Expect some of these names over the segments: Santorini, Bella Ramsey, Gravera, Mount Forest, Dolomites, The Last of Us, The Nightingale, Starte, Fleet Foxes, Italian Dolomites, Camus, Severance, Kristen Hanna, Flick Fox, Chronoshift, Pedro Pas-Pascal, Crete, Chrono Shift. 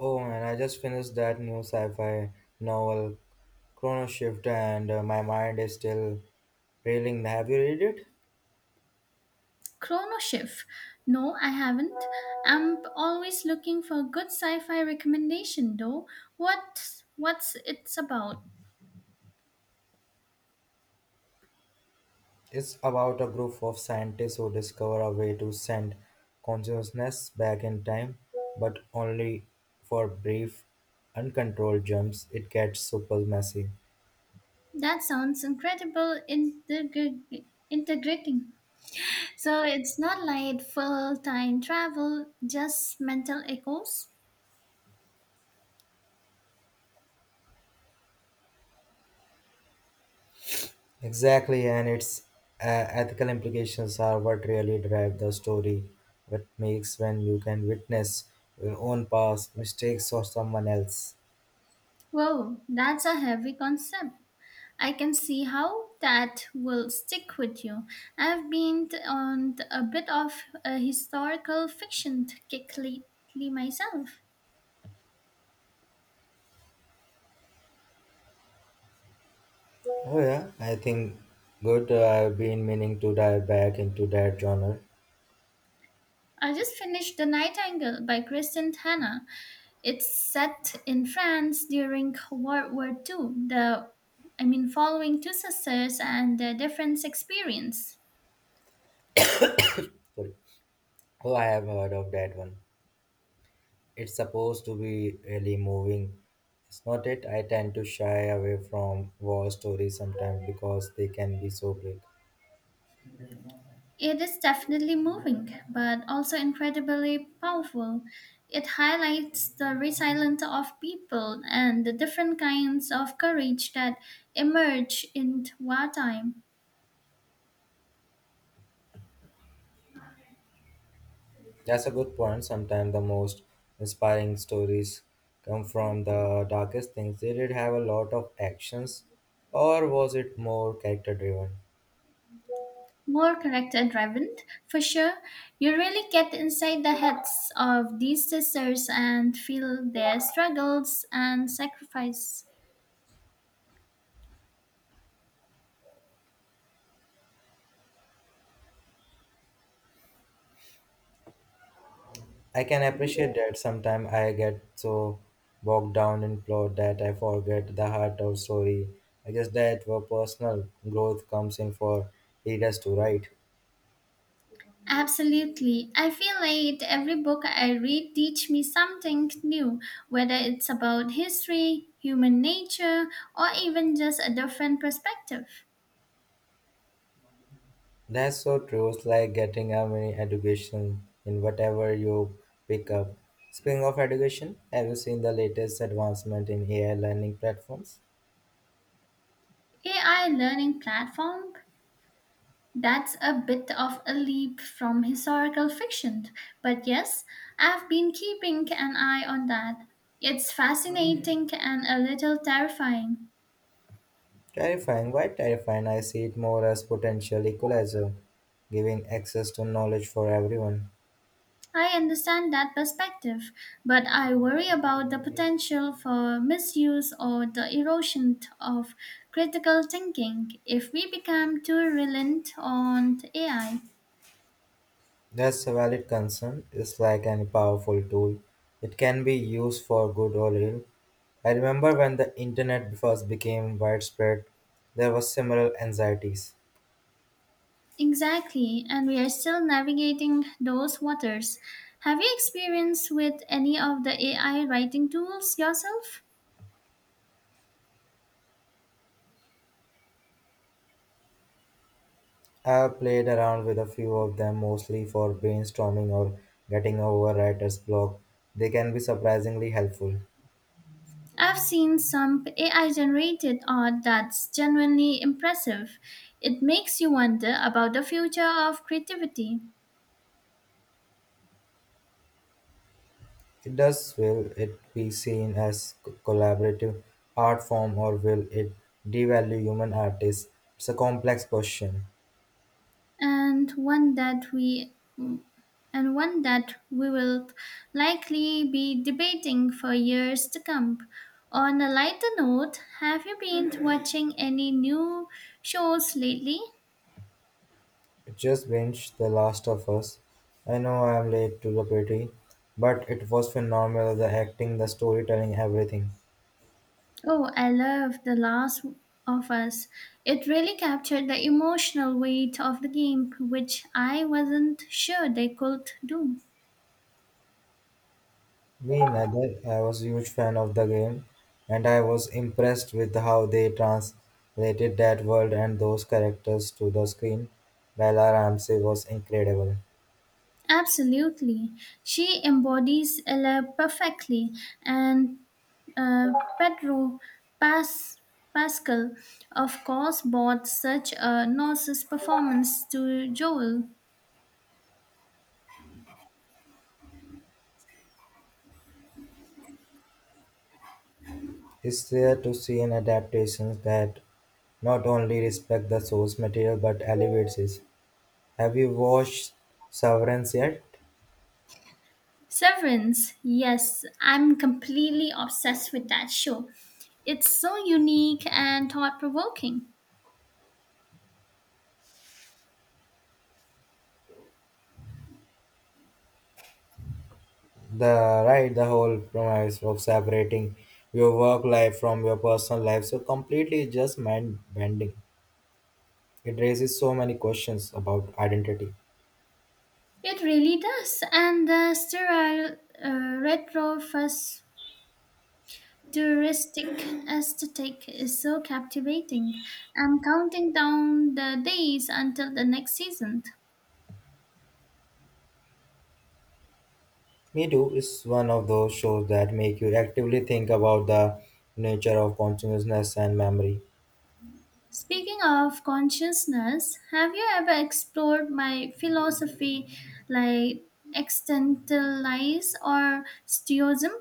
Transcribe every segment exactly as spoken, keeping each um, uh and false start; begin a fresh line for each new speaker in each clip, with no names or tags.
Oh man, I just finished that new sci-fi novel, Chrono Shift, and uh, my mind is still reeling. Have you read it?
Chronoshift? No, I haven't. I'm always looking for good sci-fi recommendation though. What what's it's about?
It's about a group of scientists who discover a way to send consciousness back in time, but only for brief, uncontrolled jumps. It gets super messy.
That sounds incredible integri- integrating. So it's not like full time travel, just mental echoes.
Exactly, and its uh, ethical implications are what really drive the story. What makes when you can witness your own past mistakes or someone else.
Whoa, that's a heavy concept. I can see how that will stick with you. I've been t- on t- a bit of a historical fiction kick lately myself.
Oh yeah, I think good. Uh, I've been meaning to dive back into that genre.
I just finished The Nightingale by Kristen Hanna. It's set in France during World War two. The I mean following two sisters and their different experience.
Sorry. Oh, I have heard of that one. It's supposed to be really moving. It's not it. I tend to shy away from war stories sometimes because they can be so bleak.
It is definitely moving, but also incredibly powerful. It highlights the resilience of people and the different kinds of courage that emerge in wartime.
That's a good point. Sometimes the most inspiring stories come from the darkest things. Did it have a lot of actions or was it more character driven?
More character driven, for sure. You really get inside the heads of these sisters and feel their struggles and sacrifice.
I can appreciate that sometimes I get so bogged down in plot that I forget the heart of story. I guess that where personal growth comes in for readers to write.
Absolutely. I feel like every book I read teach me something new, whether it's about history, human nature, or even just a different perspective.
That's so true. It's like getting a mini education in whatever you pick up. Speaking of education, have you seen the latest advancement in A I learning platforms?
A I learning platform. That's a bit of a leap from historical fiction, but yes, I've been keeping an eye on that. It's fascinating and a little terrifying.
Terrifying. Why terrifying? I see it more as potential equalizer, giving access to knowledge for everyone.
I understand that perspective, but I worry about the potential for misuse or the erosion of critical thinking if we become too reliant on A I.
That's a valid concern. It's like any powerful tool. It can be used for good or ill. I remember when the internet first became widespread, there was similar anxieties.
Exactly, and we are still navigating those waters. Have you experienced with any of the A I writing tools yourself?
I've played around with a few of them mostly for brainstorming or getting over writer's block. They can be surprisingly helpful.
I've seen some A I generated art that's genuinely impressive. It makes you wonder about the future of creativity.
It does will it be seen as c- collaborative art form or will it devalue human artists? It's a complex question.
and one that we and one that we will likely be debating for years to come. On a lighter note, have you been watching any new shows lately?
It just binged The Last of Us. I know I'm late to the party, but it was phenomenal the acting, the storytelling, everything.
Oh, I love The Last of Us. It really captured the emotional weight of the game, which I wasn't sure they could do.
Me neither. I was a huge fan of the game, and I was impressed with how they translated that world and those characters to the screen. Bella Ramsey was incredible.
Absolutely. She embodies Ella perfectly, and Uh, Pedro Pas- Pascal, of course, brought such a nauseous performance to Joel.
It's rare to see an adaptation that not only respect the source material but elevates it. Have you watched Severance yet?
Severance, yes, I'm completely obsessed with that show. It's so unique and thought provoking.
The right, the whole premise of separating your work life from your personal life so completely is just mind bending. It raises so many questions about identity.
It really does, and the sterile uh, retro futuristic aesthetic is so captivating. I'm counting down the days until the next season.
Me Too is one of those shows that make you actively think about the nature of consciousness and memory.
Speaking of consciousness, have you ever explored my philosophy like existentialism or stoicism?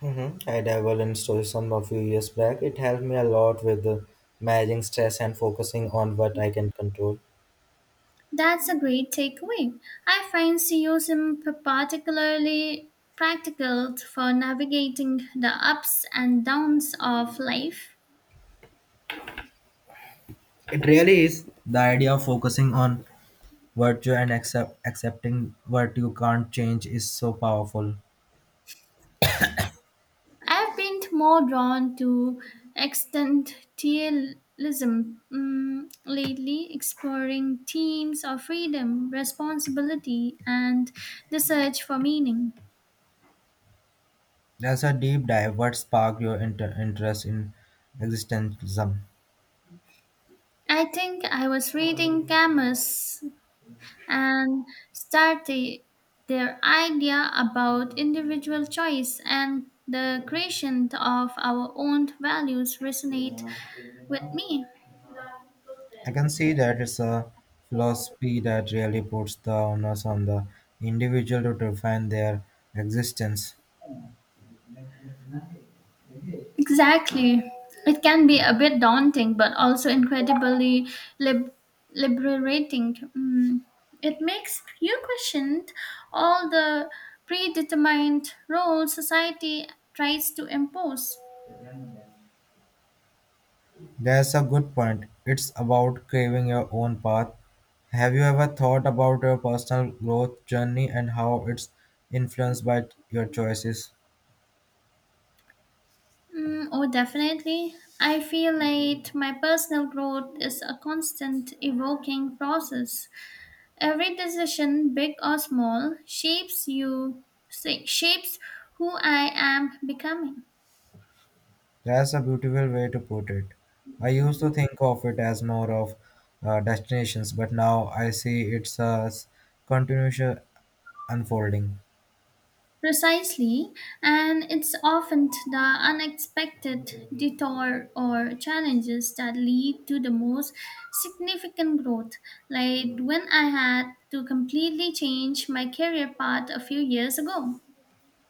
Hmm, I dabbled in Stoicism a few years back. It helped me a lot with uh, managing stress and focusing on what I can control.
That's a great takeaway. I find stoicism particularly practical for navigating the ups and downs of life.
It really is the idea of focusing on virtue and accept, accepting what you can't change is so powerful.
I've been more drawn to existentialism mm, lately, exploring themes of freedom, responsibility, and the search for meaning.
That's a deep dive. What sparked your inter- interest in existentialism?
I think I was reading Camus and Starte, their idea about individual choice and the creation of our own values resonate with me.
I can see that it's a philosophy that really puts the onus on the individual to define their existence.
Exactly. It can be a bit daunting, but also incredibly lib- liberating. Mm. It makes you question all the predetermined roles society tries to impose.
That's a good point. It's about craving your own path. Have you ever thought about your personal growth journey and how it's influenced by your choices?
Mm, oh, definitely. I feel like my personal growth is a constant evoking process. Every decision, big or small, shapes you, shapes who I am becoming.
That's a beautiful way to put it. I used to think of it as more of uh, destinations, but now I see it's a s- continuous uh, unfolding.
Precisely, and it's often the unexpected detour or challenges that lead to the most significant growth. Like when I had to completely change my career path a few years ago.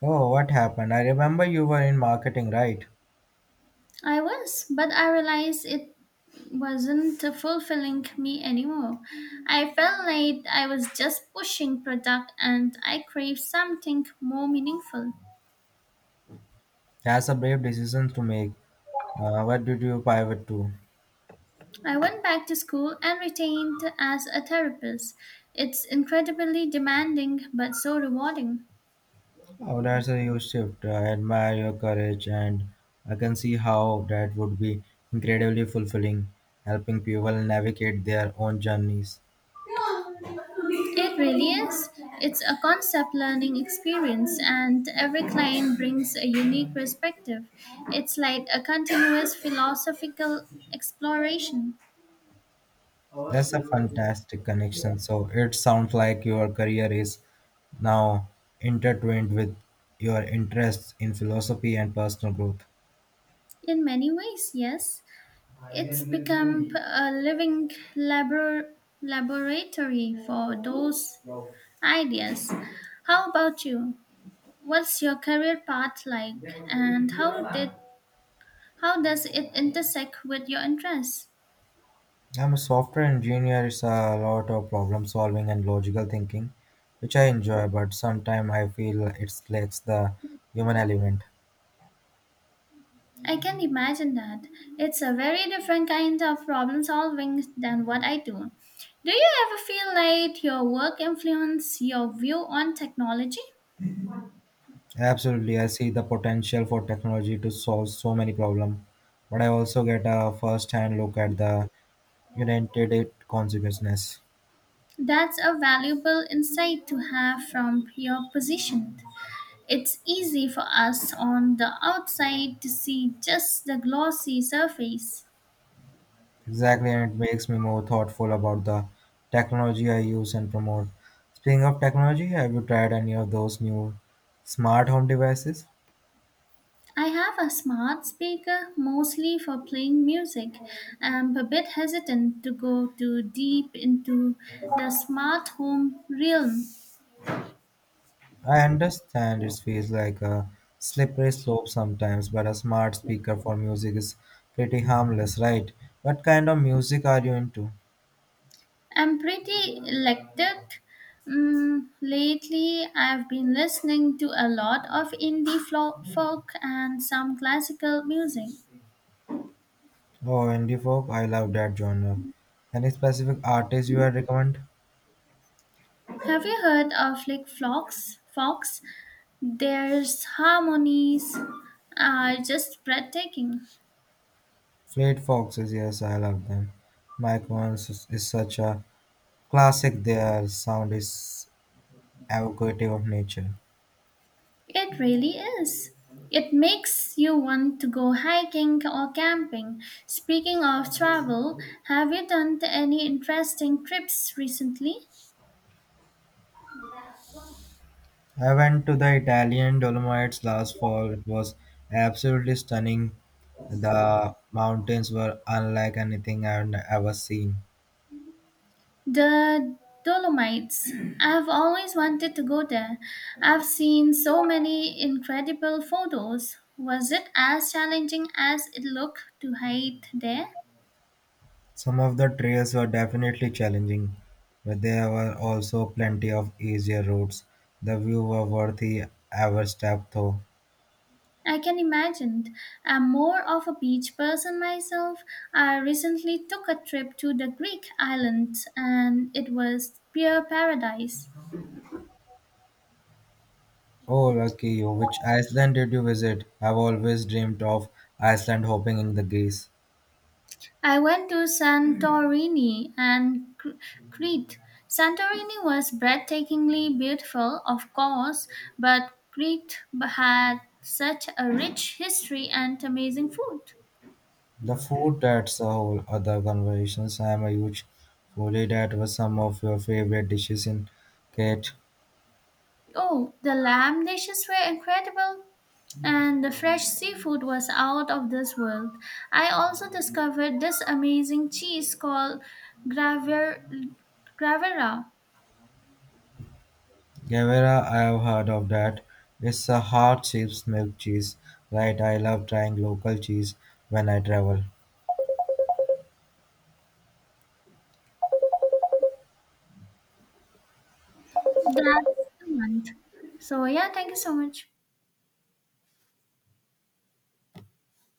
Oh, what happened? I remember you were in marketing, right?
I was, but I realized it wasn't fulfilling me anymore. I felt like I was just pushing product and I craved something more meaningful.
That's a brave decision to make. Uh, what did you pivot to?
I went back to school and retained as a therapist. It's incredibly demanding but so rewarding.
Oh, that's a huge shift. I admire your courage, and I can see how that would be incredibly fulfilling, helping people navigate their own journeys.
It really is. It's a concept learning experience, and every client brings a unique perspective. It's like a continuous philosophical exploration.
That's a fantastic connection. So it sounds like your career is now intertwined with your interests in philosophy and personal growth.
In many ways, yes. It's become a living labor- laboratory for those ideas. How about you? What's your career path like and how did how does it intersect with your interests?
I'm a software engineer. It's a lot of problem solving and logical thinking, which I enjoy, but sometimes I feel it lacks the human element.
I can imagine that. It's a very different kind of problem solving than what I do. Do you ever feel like your work influences your view on technology?
Absolutely, I see the potential for technology to solve so many problems, but I also get a first-hand look at the unintended consequences.
That's a valuable insight to have from your position. It's easy for us on the outside to see just the glossy surface.
Exactly, and it makes me more thoughtful about the technology I use and promote. Speaking of technology, have you tried any of those new smart home devices?
I have a smart speaker mostly for playing music. I'm a bit hesitant to go too deep into the smart home realm.
I understand it feels like a slippery slope sometimes, but a smart speaker for music is pretty harmless, right? What kind of music are you into?
I'm pretty electric. Mm, lately, I've been listening to a lot of indie flo- folk and some classical music.
Oh, indie folk, I love that genre. Any specific artist you would recommend?
Have you heard of Flick Fox? Fox? Their harmonies are just breathtaking.
Fleet Foxes, yes, I love them. Mike Once is is such a classic, their sound is evocative of nature.
It really is. It makes you want to go hiking or camping. Speaking of travel, have you done any interesting trips recently?
I went to the Italian Dolomites last fall. It was absolutely stunning. The mountains were unlike anything I've n- ever seen.
The Dolomites. I've always wanted to go there. I've seen so many incredible photos. Was it as challenging as it looked to hike there?
Some of the trails were definitely challenging, but there were also plenty of easier routes. The view were worthy every step though.
I can imagine. I'm more of a beach person myself. I recently took a trip to the Greek islands and it was pure paradise.
Oh, lucky you. Which Iceland did you visit? I've always dreamed of Iceland hopping in the geese.
I went to Santorini and Cr- Crete. Santorini was breathtakingly beautiful, of course, but Crete had such a rich history and amazing food.
The food that's a whole other conversation. I'm a huge foodie. That was some of your favorite dishes in Kate
Oh, the lamb dishes were incredible, and the fresh seafood was out of this world. I also discovered this amazing cheese called Graver, Gravera.
Guevara. I have heard of that. It's a hard chips milk cheese, right? I love trying local cheese when I travel.
That's the month. So, yeah, thank you so much.